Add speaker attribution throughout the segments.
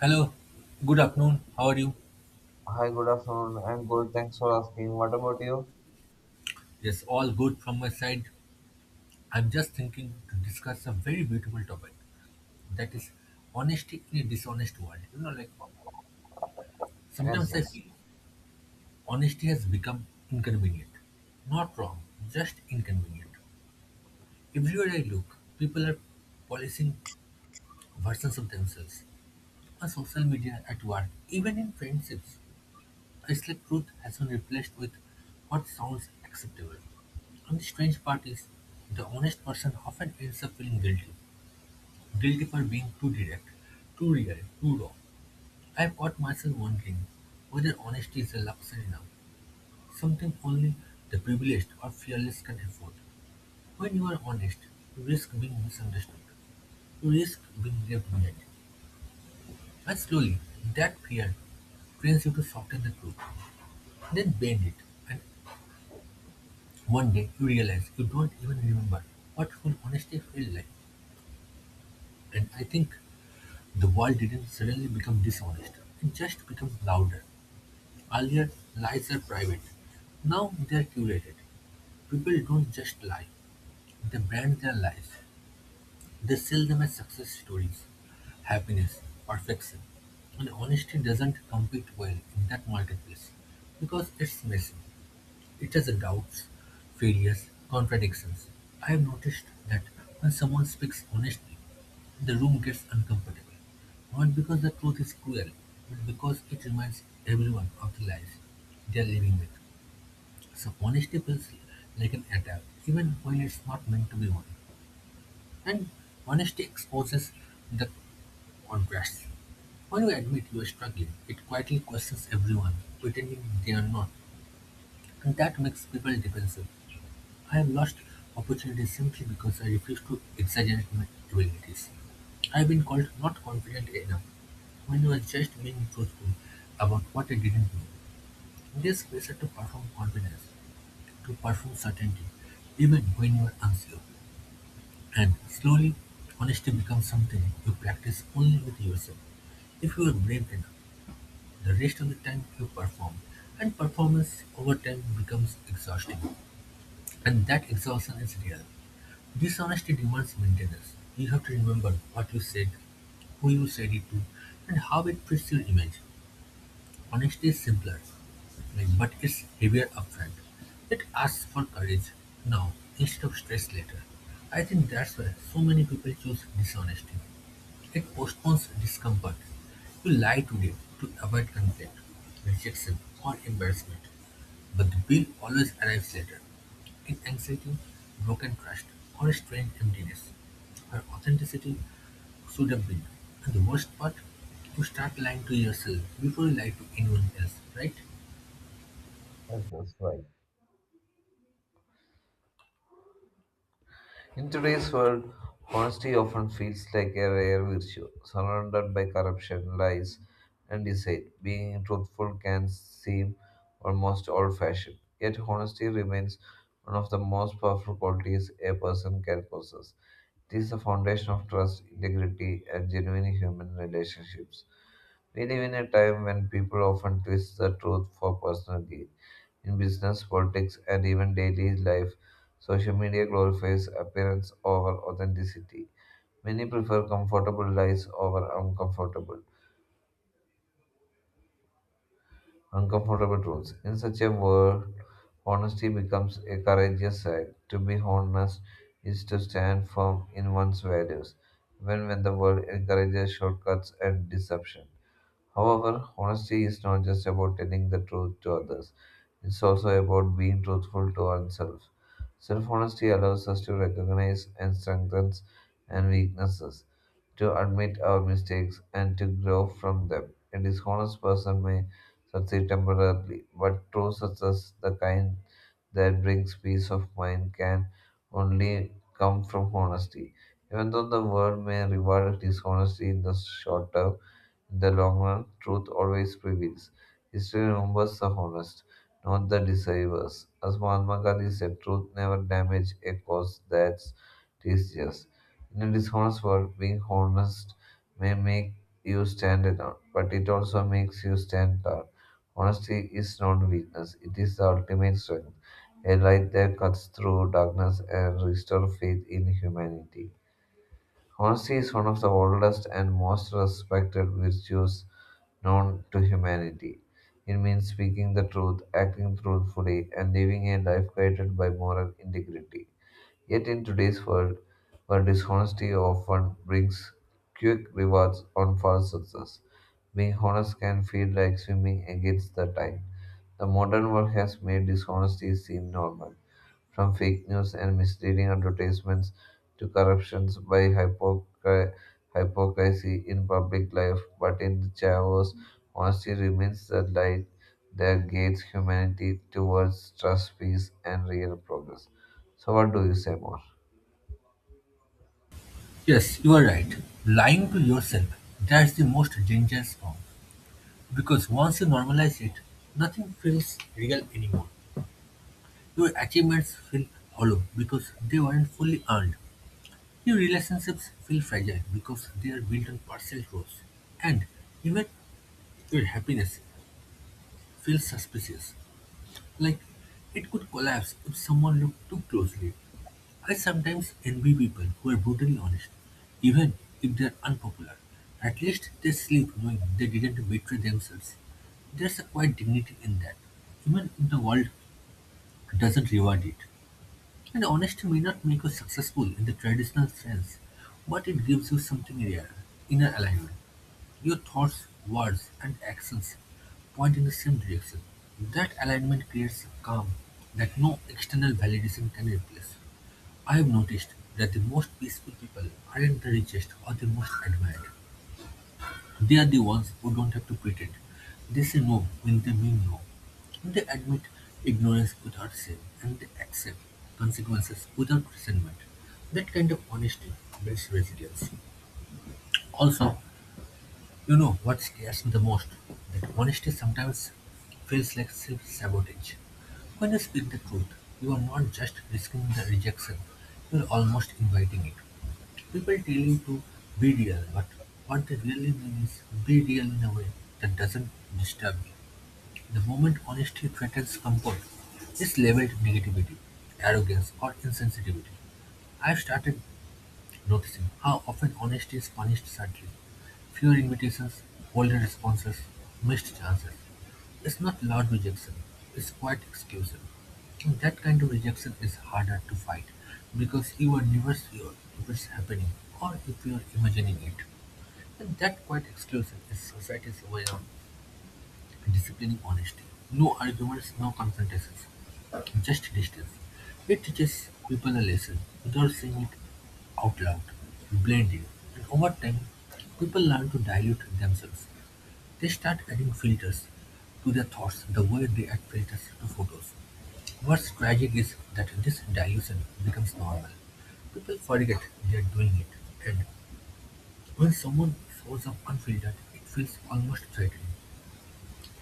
Speaker 1: Hello, good afternoon. How are you?
Speaker 2: Hi, good afternoon. I'm good. Thanks for asking. What about you?
Speaker 1: Yes, all good from my side. I'm just thinking to discuss a very beautiful topic, that is honesty in a dishonest world. You know, like
Speaker 2: Yes,
Speaker 1: sometimes I
Speaker 2: yes,
Speaker 1: feel honesty has become inconvenient. Not wrong, just inconvenient. Everywhere I look, people are policing versions of themselves on social media, at work, even in friendships. Islamic truth has been replaced with what sounds acceptable. And the strange part is, the honest person often ends up feeling guilty. Guilty for being too direct, too real, too raw. I've caught myself wondering whether honesty is a luxury now, something only the privileged or fearless can afford. When you are honest, you risk being misunderstood, you risk being left behind. And slowly, that fear trains you to soften the truth, then bend it, and one day you realize you don't even remember what full honesty felt like. And I think the world didn't suddenly become dishonest. It just became louder. Earlier, lies are private. Now they are curated. People don't just lie. They brand their lies. They sell them as success stories, happiness, perfection. And honesty doesn't compete well in that marketplace because it's messy. It has doubts, failures, contradictions. I've noticed that when someone speaks honestly, the room gets uncomfortable. Not because the truth is cruel, but because it reminds everyone of the lies they are living with. So honesty feels like an attack, even when it's not meant to be one. And honesty exposes the contrasts. When you admit you are struggling, it quietly questions everyone, pretending they are not, and that makes people defensive. I have lost opportunities simply because I refuse to exaggerate my abilities. I've been called not confident enough when I was just being truthful about what I didn't know. This pressure to perform confidence, to perform certainty, even when you are unsure. And slowly, honesty becomes something you practice only with yourself. If you are brave enough, the rest of the time you perform, and performance over time becomes exhausting. And that exhaustion is real. Dishonesty demands maintenance. You have to remember what you said, who you said it to, and how it fits your image. Honesty is simpler, like, but it's heavier upfront. It asks for courage now instead of stress later. I think that's why so many people choose dishonesty. It postpones discomfort. You lie today to avoid conflict, rejection, or embarrassment. But the bill always arrives later, in anxiety, broken trust, or a strange emptiness, where authenticity should have been. And the worst part, you start lying to yourself before you lie to anyone else, right?
Speaker 2: yes, right. In today's world, honesty often feels like a rare virtue, surrounded by corruption, lies, and deceit. Being truthful can seem almost old-fashioned, yet honesty remains one of the most powerful qualities a person can possess. It is the foundation of trust, integrity, and genuine human relationships. We live in a time when people often twist the truth for personal gain. In business, politics, and even daily life, social media glorifies appearance over authenticity. Many prefer comfortable lies over uncomfortable truths. In such a world, honesty becomes a courageous act. To be honest is to stand firm in one's values, even when the world encourages shortcuts and deception. However, honesty is not just about telling the truth to others, it's also about being truthful to oneself. Self honesty allows us to recognize and strengthen and weaknesses, to admit our mistakes and to grow from them. A dishonest person may succeed temporarily, but true success, the kind that brings peace of mind, can only come from honesty. Even though the world may reward dishonesty in the short term, in the long run, truth always prevails. History remembers the honest, not the deceivers. As Mahatma Gandhi said, truth never damages a cause that's just. In a dishonest world, being honest may make you stand out, but it also makes you stand out. Honesty is not weakness, it is the ultimate strength, a light that cuts through darkness and restores faith in humanity. Honesty is one of the oldest and most respected virtues known to humanity. It means speaking the truth, acting truthfully, and living a life guided by moral integrity. Yet in today's world, where dishonesty often brings quick rewards on false success, being honest can feel like swimming against the tide. The modern world has made dishonesty seem normal, from fake news and misleading advertisements to corruptions by hypocrisy in public life. But in the chaos, honesty remains the light that guides humanity towards trust, peace, and real progress. So, what do you say more?
Speaker 1: Yes, you are right. Lying to yourself, that's the most dangerous form. Because once you normalize it, nothing feels real anymore. Your achievements feel hollow because they weren't fully earned. New relationships feel fragile because they are built on partial trust, and even your happiness feels suspicious, like it could collapse if someone looked too closely. I sometimes envy people who are brutally honest, even if they are unpopular. At least they sleep knowing they didn't betray themselves. There's a quiet dignity in that, even if the world doesn't reward it. And honesty may not make you successful in the traditional sense, but it gives you something rare, inner alignment. Your thoughts, words, and actions point in the same direction. That alignment creates a calm that no external validation can replace. I have noticed that the most peaceful people aren't the richest or the most admired. They are the ones who don't have to pretend. They say no when they mean no. They admit ignorance without shame, and they accept consequences without resentment. That kind of honesty builds resilience. Also, you know what scares me the most? That honesty sometimes feels like self sabotage. When you speak the truth, you are not just risking the rejection, you are almost inviting it. People tell you to be real, but what they really mean is be real in a way that doesn't disturb you. The moment honesty threatens comfort, it's labeled negativity, arrogance, or insensitivity. I've started noticing how often honesty is punished sadly, fewer invitations, bolder responses, missed chances. It's not loud rejection, it's quiet exclusion. And that kind of rejection is harder to fight because you are never sure if it's happening or if you are imagining it. And that quiet exclusion is society's way of disciplining honesty. No arguments, no confrontations, just distance. It teaches people a lesson without saying it out loud, blending, and over time, people learn to dilute themselves. They start adding filters to their thoughts the way they add filters to photos. What's tragic is that this dilution becomes normal. People forget they are doing it, and when someone shows up unfiltered, it feels almost threatening,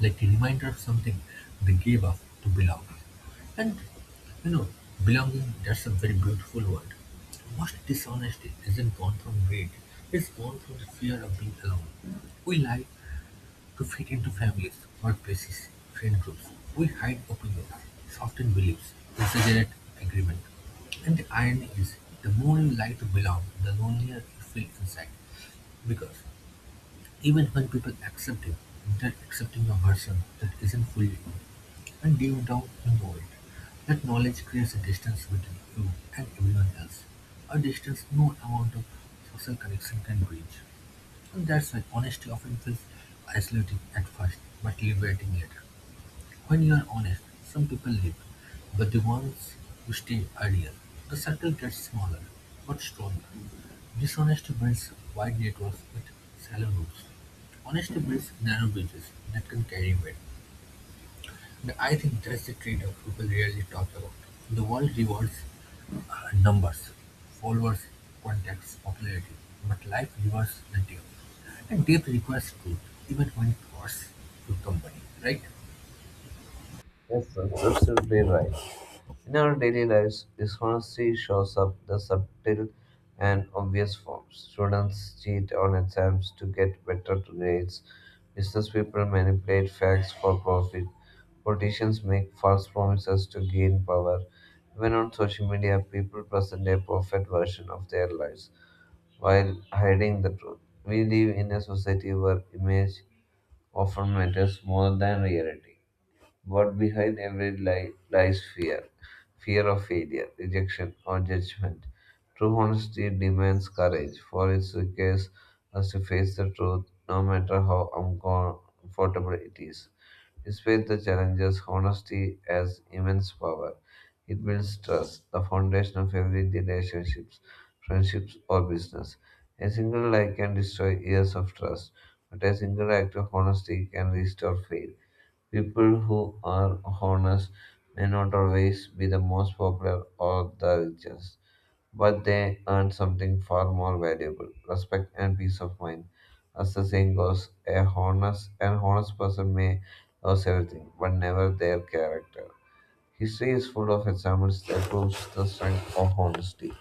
Speaker 1: like a reminder of something they gave up to belong. And you know, belonging, that's a very beautiful word. Most dishonesty isn't born from greed, it's born from the fear of being alone. We lie to fit into families, workplaces, friend groups. We hide opinions, soften beliefs, exaggerate agreement. And the irony is, the more you lie to belong, the lonelier you feel inside. Because even when people accept you, they're accepting a version that isn't fully you, and deep down you know it. That knowledge creates a distance between you and everyone else, a distance no amount of social connection can bridge. And that's why honesty often feels isolating at first, but liberating later. When you are honest, some people leave, but the ones who stay are real. The circle gets smaller, but stronger. Dishonesty builds wide networks with shallow roots. Honesty builds narrow bridges that can carry weight. And I think that's the trade-off people rarely talk about. The world rewards numbers, followers, contacts, popularity, but life rewards the depth. And depth requires truth, even when it costs you company, right?
Speaker 2: Yes, that's absolutely right. In our daily lives, dishonesty shows up the subtle and obvious forms. Students cheat on exams to get better grades. Business people manipulate facts for profit. Politicians make false promises to gain power. Even on social media, people present a perfect version of their lives while hiding the truth. We live in a society where image often matters more than reality. But behind every lie lies fear fear of failure, rejection, or judgment. True honesty demands courage, for it requires us to face the truth no matter how uncomfortable it is. Despite the challenges, honesty has immense power. It builds trust, the foundation of every relationships, friendships, or business. A single lie can destroy years of trust, but a single act of honesty can restore faith. People who are honest may not always be the most popular or the richest, but they earn something far more valuable respect and peace of mind. As the saying goes, an honest person may lose everything, but never their character. History is full of examples that proves the strength of honesty.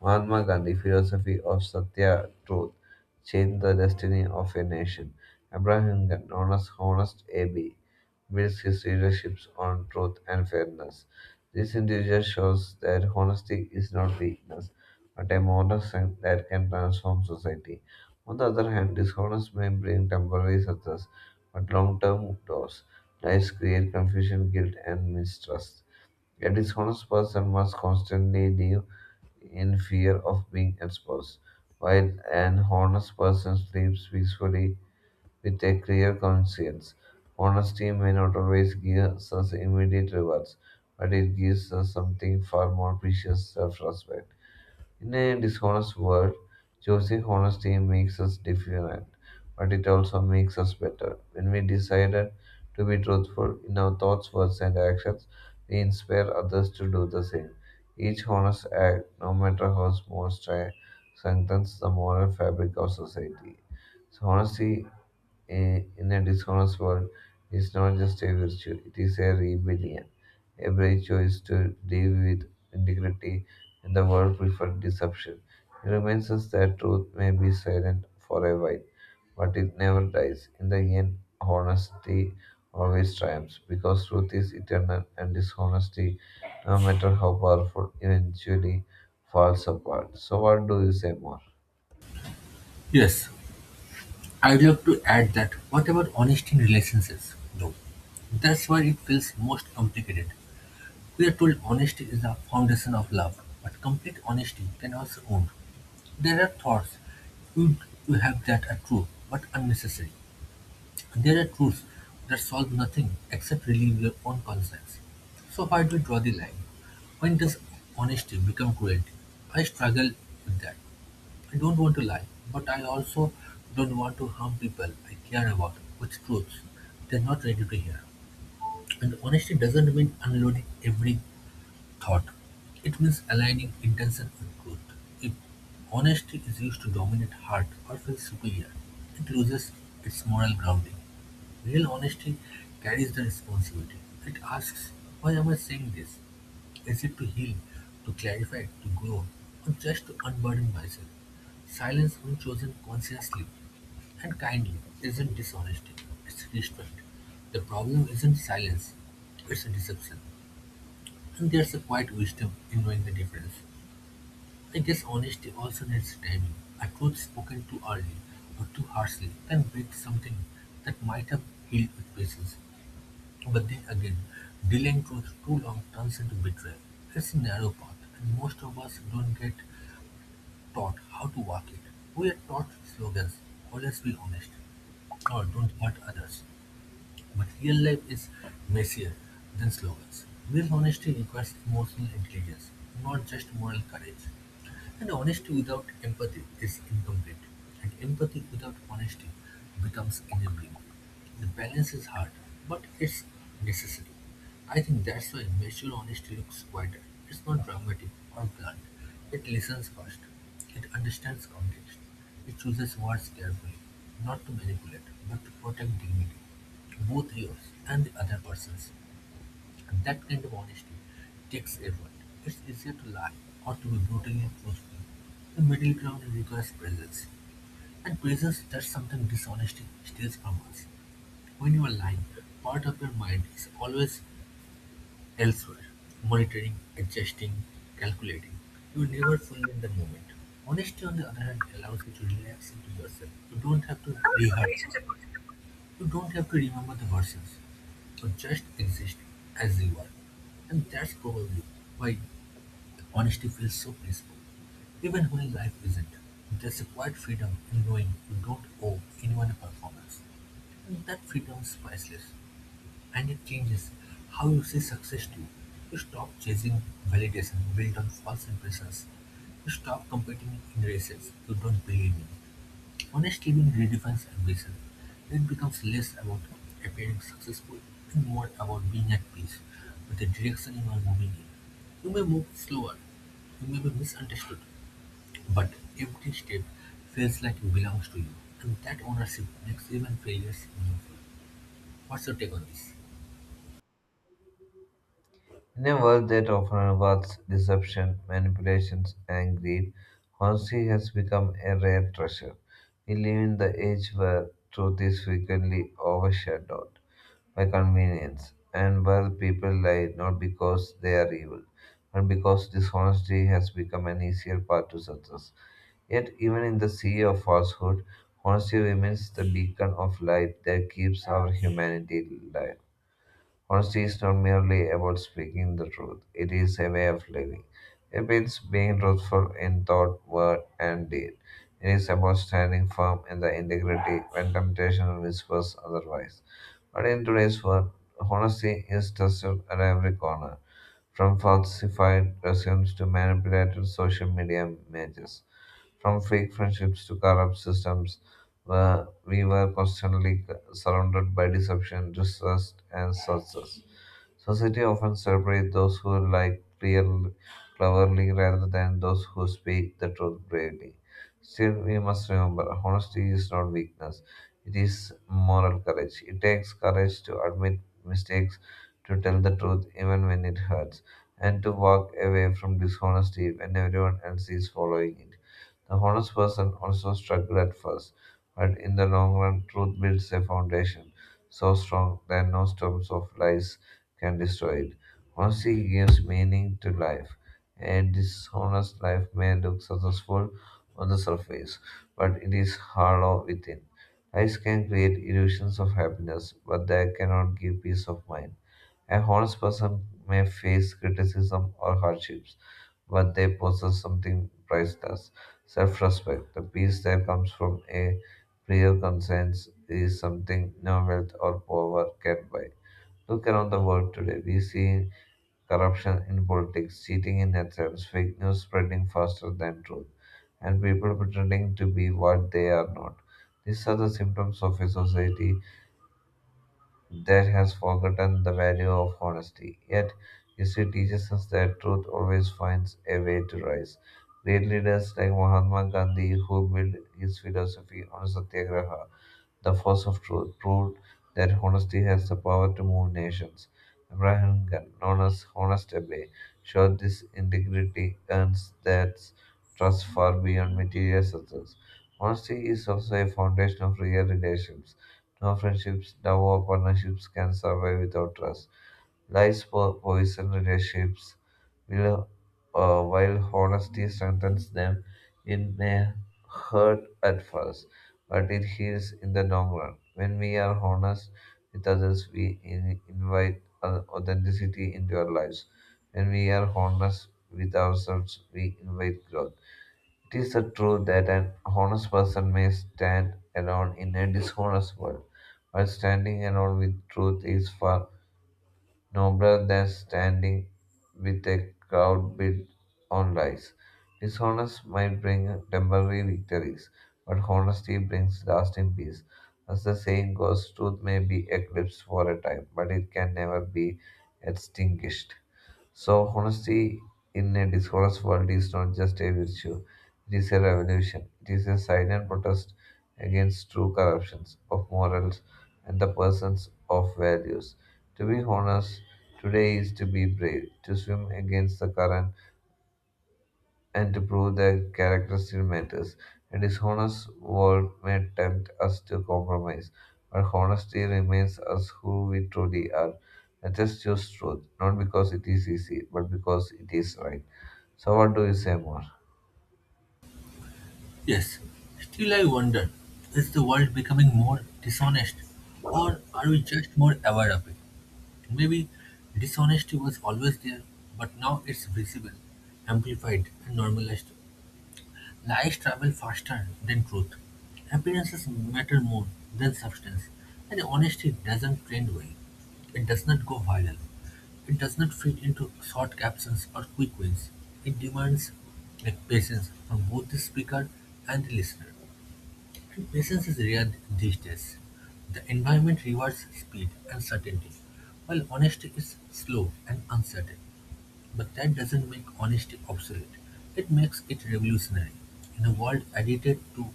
Speaker 2: Mahatma Gandhi's philosophy of Satya Truth changed the destiny of a nation. Abraham Lincoln, known as Honest AB, builds his leadership on truth and fairness. This individual shows that honesty is not weakness, but a moral strength that can transform society. On the other hand, dishonest may bring temporary success, but long-term loss. Lies create confusion, guilt, and mistrust. A dishonest person must constantly live in fear of being exposed, while an honest person sleeps peacefully with a clear conscience. Honesty may not always give us immediate rewards, but it gives us something far more precious self respect. In a dishonest world, choosing honesty makes us different, but it also makes us better. When we decided to be truthful in our thoughts, words, and actions, we inspire others to do the same. Each honest act, no matter how small, strengthens the moral fabric of society. So honesty in a dishonest world is not just a virtue, it is a rebellion. A brave choice to live with integrity and the world preferred deception. It reminds us that truth may be silent for a while, but it never dies. In the end, honesty always triumphs because truth is eternal and dishonesty, no matter how powerful, eventually falls apart. So, what do you say more?
Speaker 1: Yes, I'd love to add that, what about honesty in relationships, though? That's where it feels most complicated. We are told honesty is the foundation of love, but complete honesty can also wound. There are thoughts you, you have that are true but unnecessary. There are truths that solve nothing except relieve your own conscience. So why do we draw the line? When does honesty become cruelty? I struggle with that. I don't want to lie, but I also don't want to harm people I care about with truths they're not ready to hear. And honesty doesn't mean unloading every thought; it means aligning intention with truth. If honesty is used to dominate heart or feel superior, it loses its moral grounding. Real honesty carries the responsibility. It asks, why am I saying this? Is it to heal, to clarify, to grow, or just to unburden myself? Silence, when chosen consciously and kindly, isn't dishonesty, it's restraint. The problem isn't silence, it's deception. And there's a quiet wisdom in knowing the difference. I guess honesty also needs timing. A truth spoken too early or too harshly can break something that might have healed with patience. But then again, delaying truth too long turns into betrayal. It's a narrow path, and most of us don't get taught how to walk it. We are taught slogans, always be honest, or don't hurt others. But real life is messier than slogans. Real honesty requires emotional intelligence, not just moral courage. And honesty without empathy is incomplete, and empathy without honesty becomes enabling. The balance is hard, but it's necessary. I think that's why mature honesty looks quieter. It's not dramatic or blunt. It listens first. It understands context. It chooses words carefully, not to manipulate, but to protect dignity, both yours and the other person's. That kind of honesty takes effort. It's easier to lie or to be brutally truthful. The middle ground requires presence, and presence, that's something dishonesty steals from us. When you are lying, part of your mind is always elsewhere, monitoring, adjusting, calculating, you're never fully in the moment. Honesty, on the other hand, allows you to relax into yourself. You don't have to rehearse. You don't have to remember the verses. You just exist as you are. And that's probably why honesty feels so peaceful. Even when life isn't, there's a quiet freedom in knowing you don't owe anyone a performance. And that freedom is priceless. And it changes how you see success too. You stop chasing validation built on false impressions. You stop competing in races you don't believe in. Honest living redefines ambition. It becomes less about appearing successful and more about being at peace with the direction you are moving in. You may move slower, you may be misunderstood, but every step feels like it belongs to you, and that ownership makes even failures meaningful. What's your take on this?
Speaker 2: In a world that often rewards deception, manipulations, and greed, honesty has become a rare treasure. We live in the age where truth is frequently overshadowed by convenience and where people lie not because they are evil, but because dishonesty has become an easier path to success. Yet, even in the sea of falsehood, honesty remains the beacon of light that keeps our humanity alive. Honesty is not merely about speaking the truth, it is a way of living. It means being truthful in thought, word, and deed. It is about standing firm in the integrity when temptation whispers otherwise. But in today's world, honesty is tested at every corner, from falsified resumes to manipulated social media images, from fake friendships to corrupt systems where we were constantly surrounded by deception, distrust, and success. Society often celebrates those who like clear, cleverly rather than those who speak the truth bravely. Still, we must remember honesty is not weakness, it is moral courage. It takes courage to admit mistakes, to tell the truth even when it hurts, and to walk away from dishonesty when everyone else is following it. The honest person also struggled at first, but in the long run, truth builds a foundation so strong that no storms of lies can destroy it. Honesty gives meaning to life. A dishonest life may look successful on the surface, but it is hollow within. Lies can create illusions of happiness, but they cannot give peace of mind. A honest person may face criticism or hardships but they possess something priceless self respect. The peace that comes from a clear conscience is something no wealth or power can buy. Look around the world today. We see corruption in politics, cheating in exams, fake news spreading faster than truth, and people pretending to be what they are not. These are the symptoms of a society that has forgotten the value of honesty. Yet, history teaches us that truth always finds a way to rise. Great leaders like Mahatma Gandhi, who built his philosophy on Satyagraha, the force of truth proved that honesty has the power to move nations. Abraham Lincoln, known as Honest Abe, showed this integrity earns that trust far beyond material success. Honesty is also a foundation of real relations. No friendships, love, or partnerships can survive without trust. Poison relationships, will, while honesty strengthens them. It may hurt at first, but it heals in the long run. When we are honest with others, we invite authenticity into our lives. When we are honest with ourselves, we invite growth. It is the truth that an honest person may stand alone in a dishonest world, but standing alone with truth is far nobler than standing with a crowd built on lies. Dishonest might bring temporary victories, but honesty brings lasting peace. As the saying goes, truth may be eclipsed for a time, but it can never be extinguished. So, honesty in a dishonest world is not just a virtue, it is a revolution. It is a silent protest against true corruptions of morals and the persons of values. To be honest today is to be brave, to swim against the current and to prove that character still matters. A dishonest world may tempt us to compromise, but honesty remains us who we truly are. Let us choose truth, not because it is easy, but because it is right. So, what do you say more?
Speaker 1: Yes, still I wonder, is the world becoming more dishonest or are we just more aware of it? Maybe dishonesty was always there, but now it's visible, amplified, and normalized. Lies travel faster than truth. Appearances matter more than substance, and honesty doesn't trend well. It does not go viral. It does not fit into short captions or quick wins. It demands like patience from both the speaker and the listener. And patience is rare these days. The environment rewards speed and certainty, while honesty is slow and uncertain. But that doesn't make honesty obsolete. It makes it revolutionary. In a world addicted to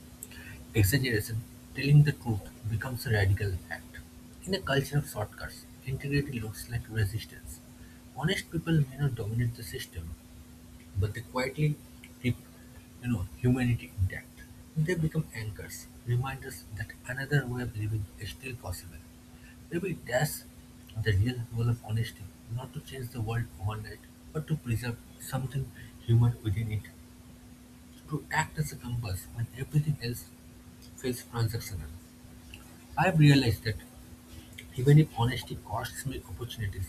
Speaker 1: exaggeration, telling the truth becomes a radical act. In a culture of shortcuts, integrity looks like resistance. Honest people may not dominate the system, but they quietly keep humanity intact. They become anchors, reminders that another way of living is still possible. Maybe that's the real goal of honesty: not to change the world overnight, but to preserve something human within it, to act as a compass when everything else feels transactional. I've realized that even if honesty costs me opportunities,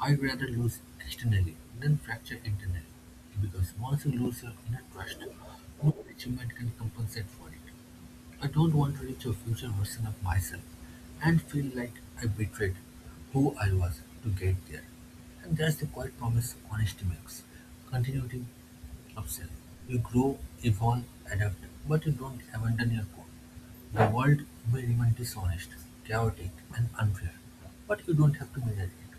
Speaker 1: I'd rather lose externally than fracture internally. Because once you lose your inner trust, no achievement can compensate for it. I don't want to reach a future version of myself and feel like I betrayed who I was to get there. And that's the quiet promise honesty makes: continuity of self. You grow, evolve, adapt, but you don't abandon your core. The world may remain dishonest, chaotic, and unfair, but you don't have to measure it.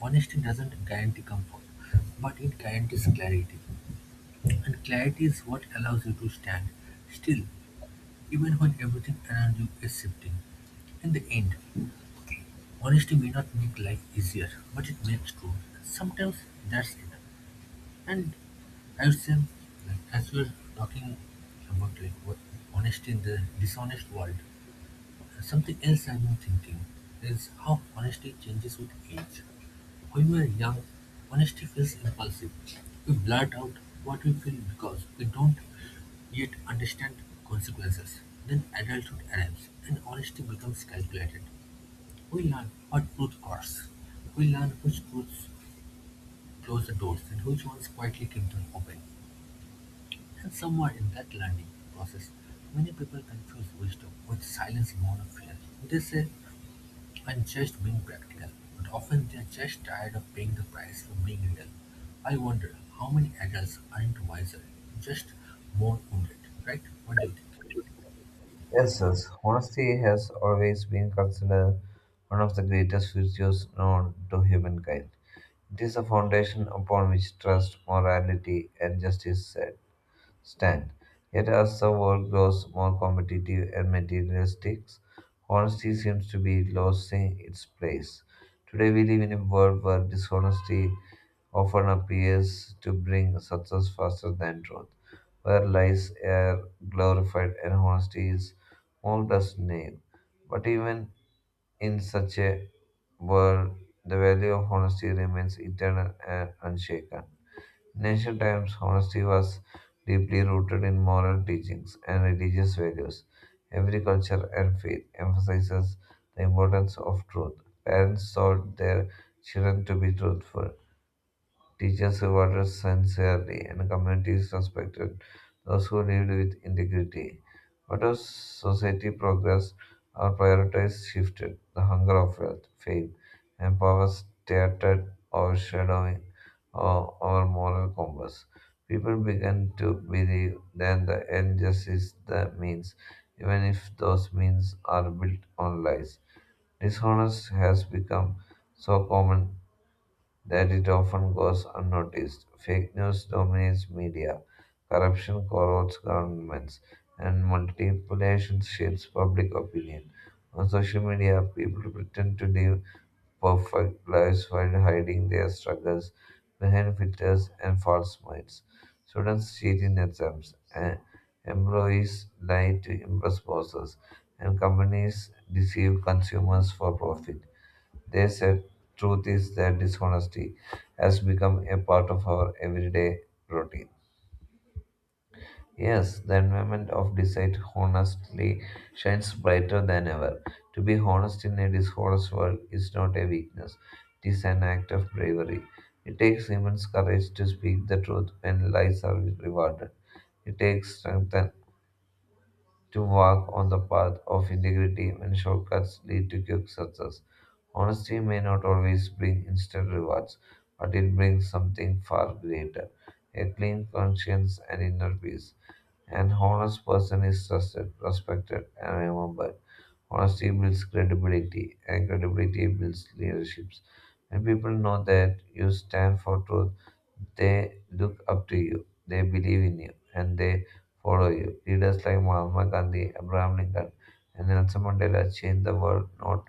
Speaker 1: Honesty doesn't guarantee comfort, but it guarantees clarity. And clarity is what allows you to stand still even when everything around you is shifting. In the end, okay, honesty may not make life easier, but it makes true. Sometimes that's enough. And I would say, like, as we are talking about like what honesty in the dishonest world, something else I've been thinking is how honesty changes with age. When we're young, honesty feels impulsive. We blurt out what we feel because we don't yet understand consequences. Then adulthood arrives and honesty becomes calculated. We learn what truth costs. We learn which truths close the doors and which ones quietly keep them open. And somewhere in that learning process, many people confuse wisdom with silence in of fear. They say, I'm just being practical, but often they're just tired of paying the price for being little. I wonder how many adults aren't wiser, just more wounded, right? What do you think?
Speaker 2: Yes, yes. Honesty has always been considered one of the greatest virtues known to humankind. It is the foundation upon which trust, morality, and justice set. Stand. Yet, as the world grows more competitive and materialistic, honesty seems to be losing its place. Today, we live in a world where dishonesty often appears to bring success faster than truth, where lies are glorified and honesty is mocked as naive. But even in such a world, the value of honesty remains eternal and unshaken. In ancient times, honesty was deeply rooted in moral teachings and religious values. Every culture and faith emphasizes the importance of truth. Parents taught their children to be truthful, Teachers rewarded sincerely, and communities respected those who lived with integrity. But as society progressed, our priorities shifted. The hunger of wealth, fame, and power started overshadowing our moral compass. People began to believe that the end justice the means, even if those means are built on lies. Dishonest has become so common that it often goes unnoticed. Fake news dominates media, corruption corrupts governments, and manipulation shapes public opinion. On social media, people pretend to live perfect lives while hiding their struggles behind filters and false smiles. Students cheat in exams, and employees lie to impress bosses, and companies deceive consumers for profit. They said, Truth is that dishonesty has become a part of our everyday routine. Yes, the environment of deceit honestly shines brighter than ever. To be honest in a dishonest world is not a weakness, it is an act of bravery. It takes immense courage to speak the truth when lies are rewarded. It takes strength to walk on the path of integrity when shortcuts lead to quick success. Honesty may not always bring instant rewards, but it brings something far greater a clean conscience and inner peace. An honest person is trusted, respected, and remembered. Honesty builds credibility, and credibility builds leaderships. When people know that you stand for truth, they look up to you, they believe in you, and they follow you. Leaders like Mahatma Gandhi, Abraham Lincoln, and Nelson Mandela changed the world not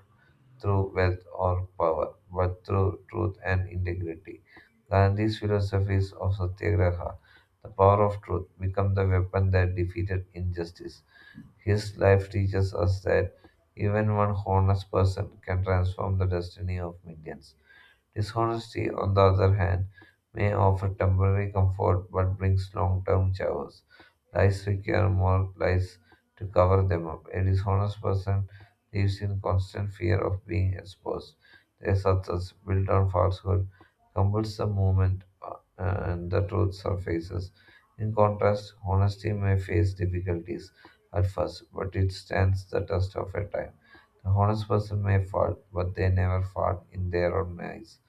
Speaker 2: through wealth or power, but through truth and integrity. Gandhi's philosophies of Satyagraha, the power of truth, became the weapon that defeated injustice. His life teaches us that even one honest person can transform the destiny of millions. Dishonesty, on the other hand, may offer temporary comfort but brings long term chaos. Lies require more lies to cover them up. A dishonest person lives in constant fear of being exposed. Their success, built on falsehood, crumbles the moment and the truth surfaces. In contrast, honesty may face difficulties at first, but it stands the test of a time. The honest person may fall, but they never fall in their own eyes.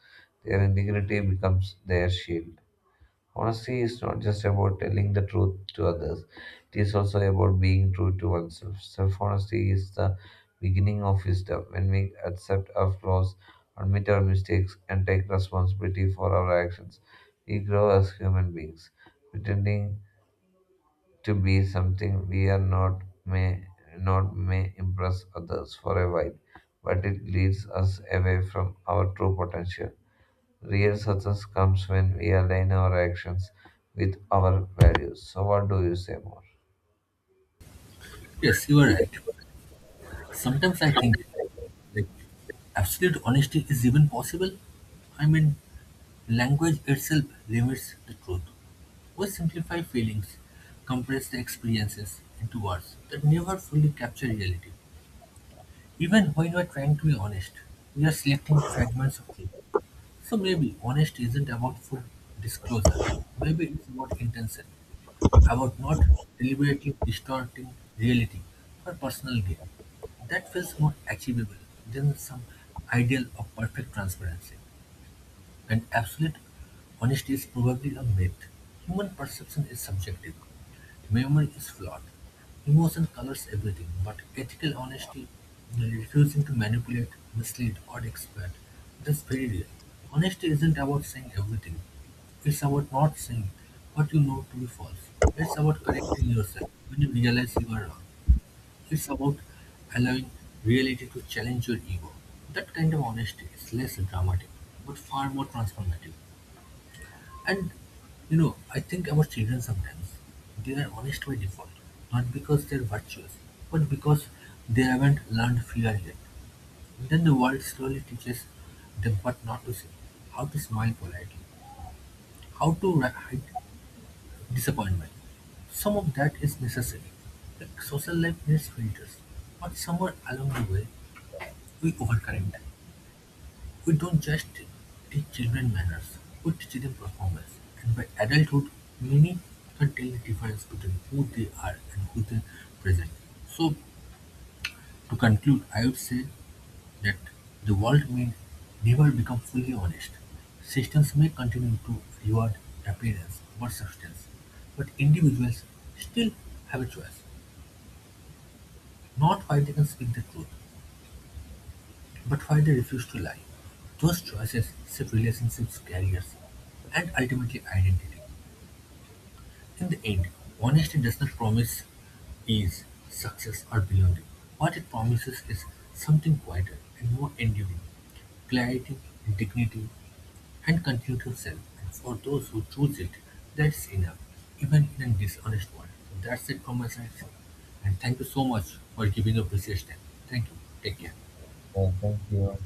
Speaker 2: Their integrity becomes their shield. Honesty is not just about telling the truth to others, it is also about being true to oneself. Self honesty is the beginning of wisdom. When we accept our flaws, admit our mistakes, and take responsibility for our actions, we grow as human beings. Pretending to be something we are not may impress others for a while, but it leads us away from our true potential. Real success comes when we align our actions with our values. So, what do you say more?
Speaker 1: Yes, you are right. Sometimes I think that absolute honesty is even possible. I mean, language itself limits the truth. We simplify feelings, compress the experiences into words that never fully capture reality. Even when we are trying to be honest, we are selecting fragments of truth. So maybe honesty isn't about full disclosure. Maybe it's about intention, about not deliberately distorting reality for personal gain. That feels more achievable than some ideal of perfect transparency. And absolute honesty is probably a myth. Human perception is subjective. Memory is flawed. Emotion colors everything, but ethical honesty, refusing to manipulate, mislead, or exploit, that's very real. Honesty isn't about saying everything. It's about not saying what you know to be false. It's about correcting yourself when you realize you are wrong. It's about allowing reality to challenge your ego. That kind of honesty is less dramatic, but far more transformative. And I think about children sometimes. They are honest by default, not because they're virtuous, but because they haven't learned fear yet. Then the world slowly teaches them what not to say, how to smile politely, how to hide disappointment. Some of that is necessary. Like, social life needs filters, but somewhere along the way, we overcorrect. We don't just teach children manners, we teach them performance. And by adulthood, many can tell the difference between who they are and who they present. So, to conclude, I would say that the world may never become fully honest. Systems may continue to reward appearance over substance, but individuals still have a choice. Not why they can speak the truth, but why they refuse to lie, those choices shape relationships, careers, and ultimately identity. In the end, honesty does not promise ease, success, or belonging. What it promises is something quieter and more enduring: clarity, dignity, and continue to sell. And for those who choose it, that's enough, even in a dishonest world. So that's it from my side, sir. And thank you so much for giving your precious time. Thank you. Take care.
Speaker 2: Yeah, thank you.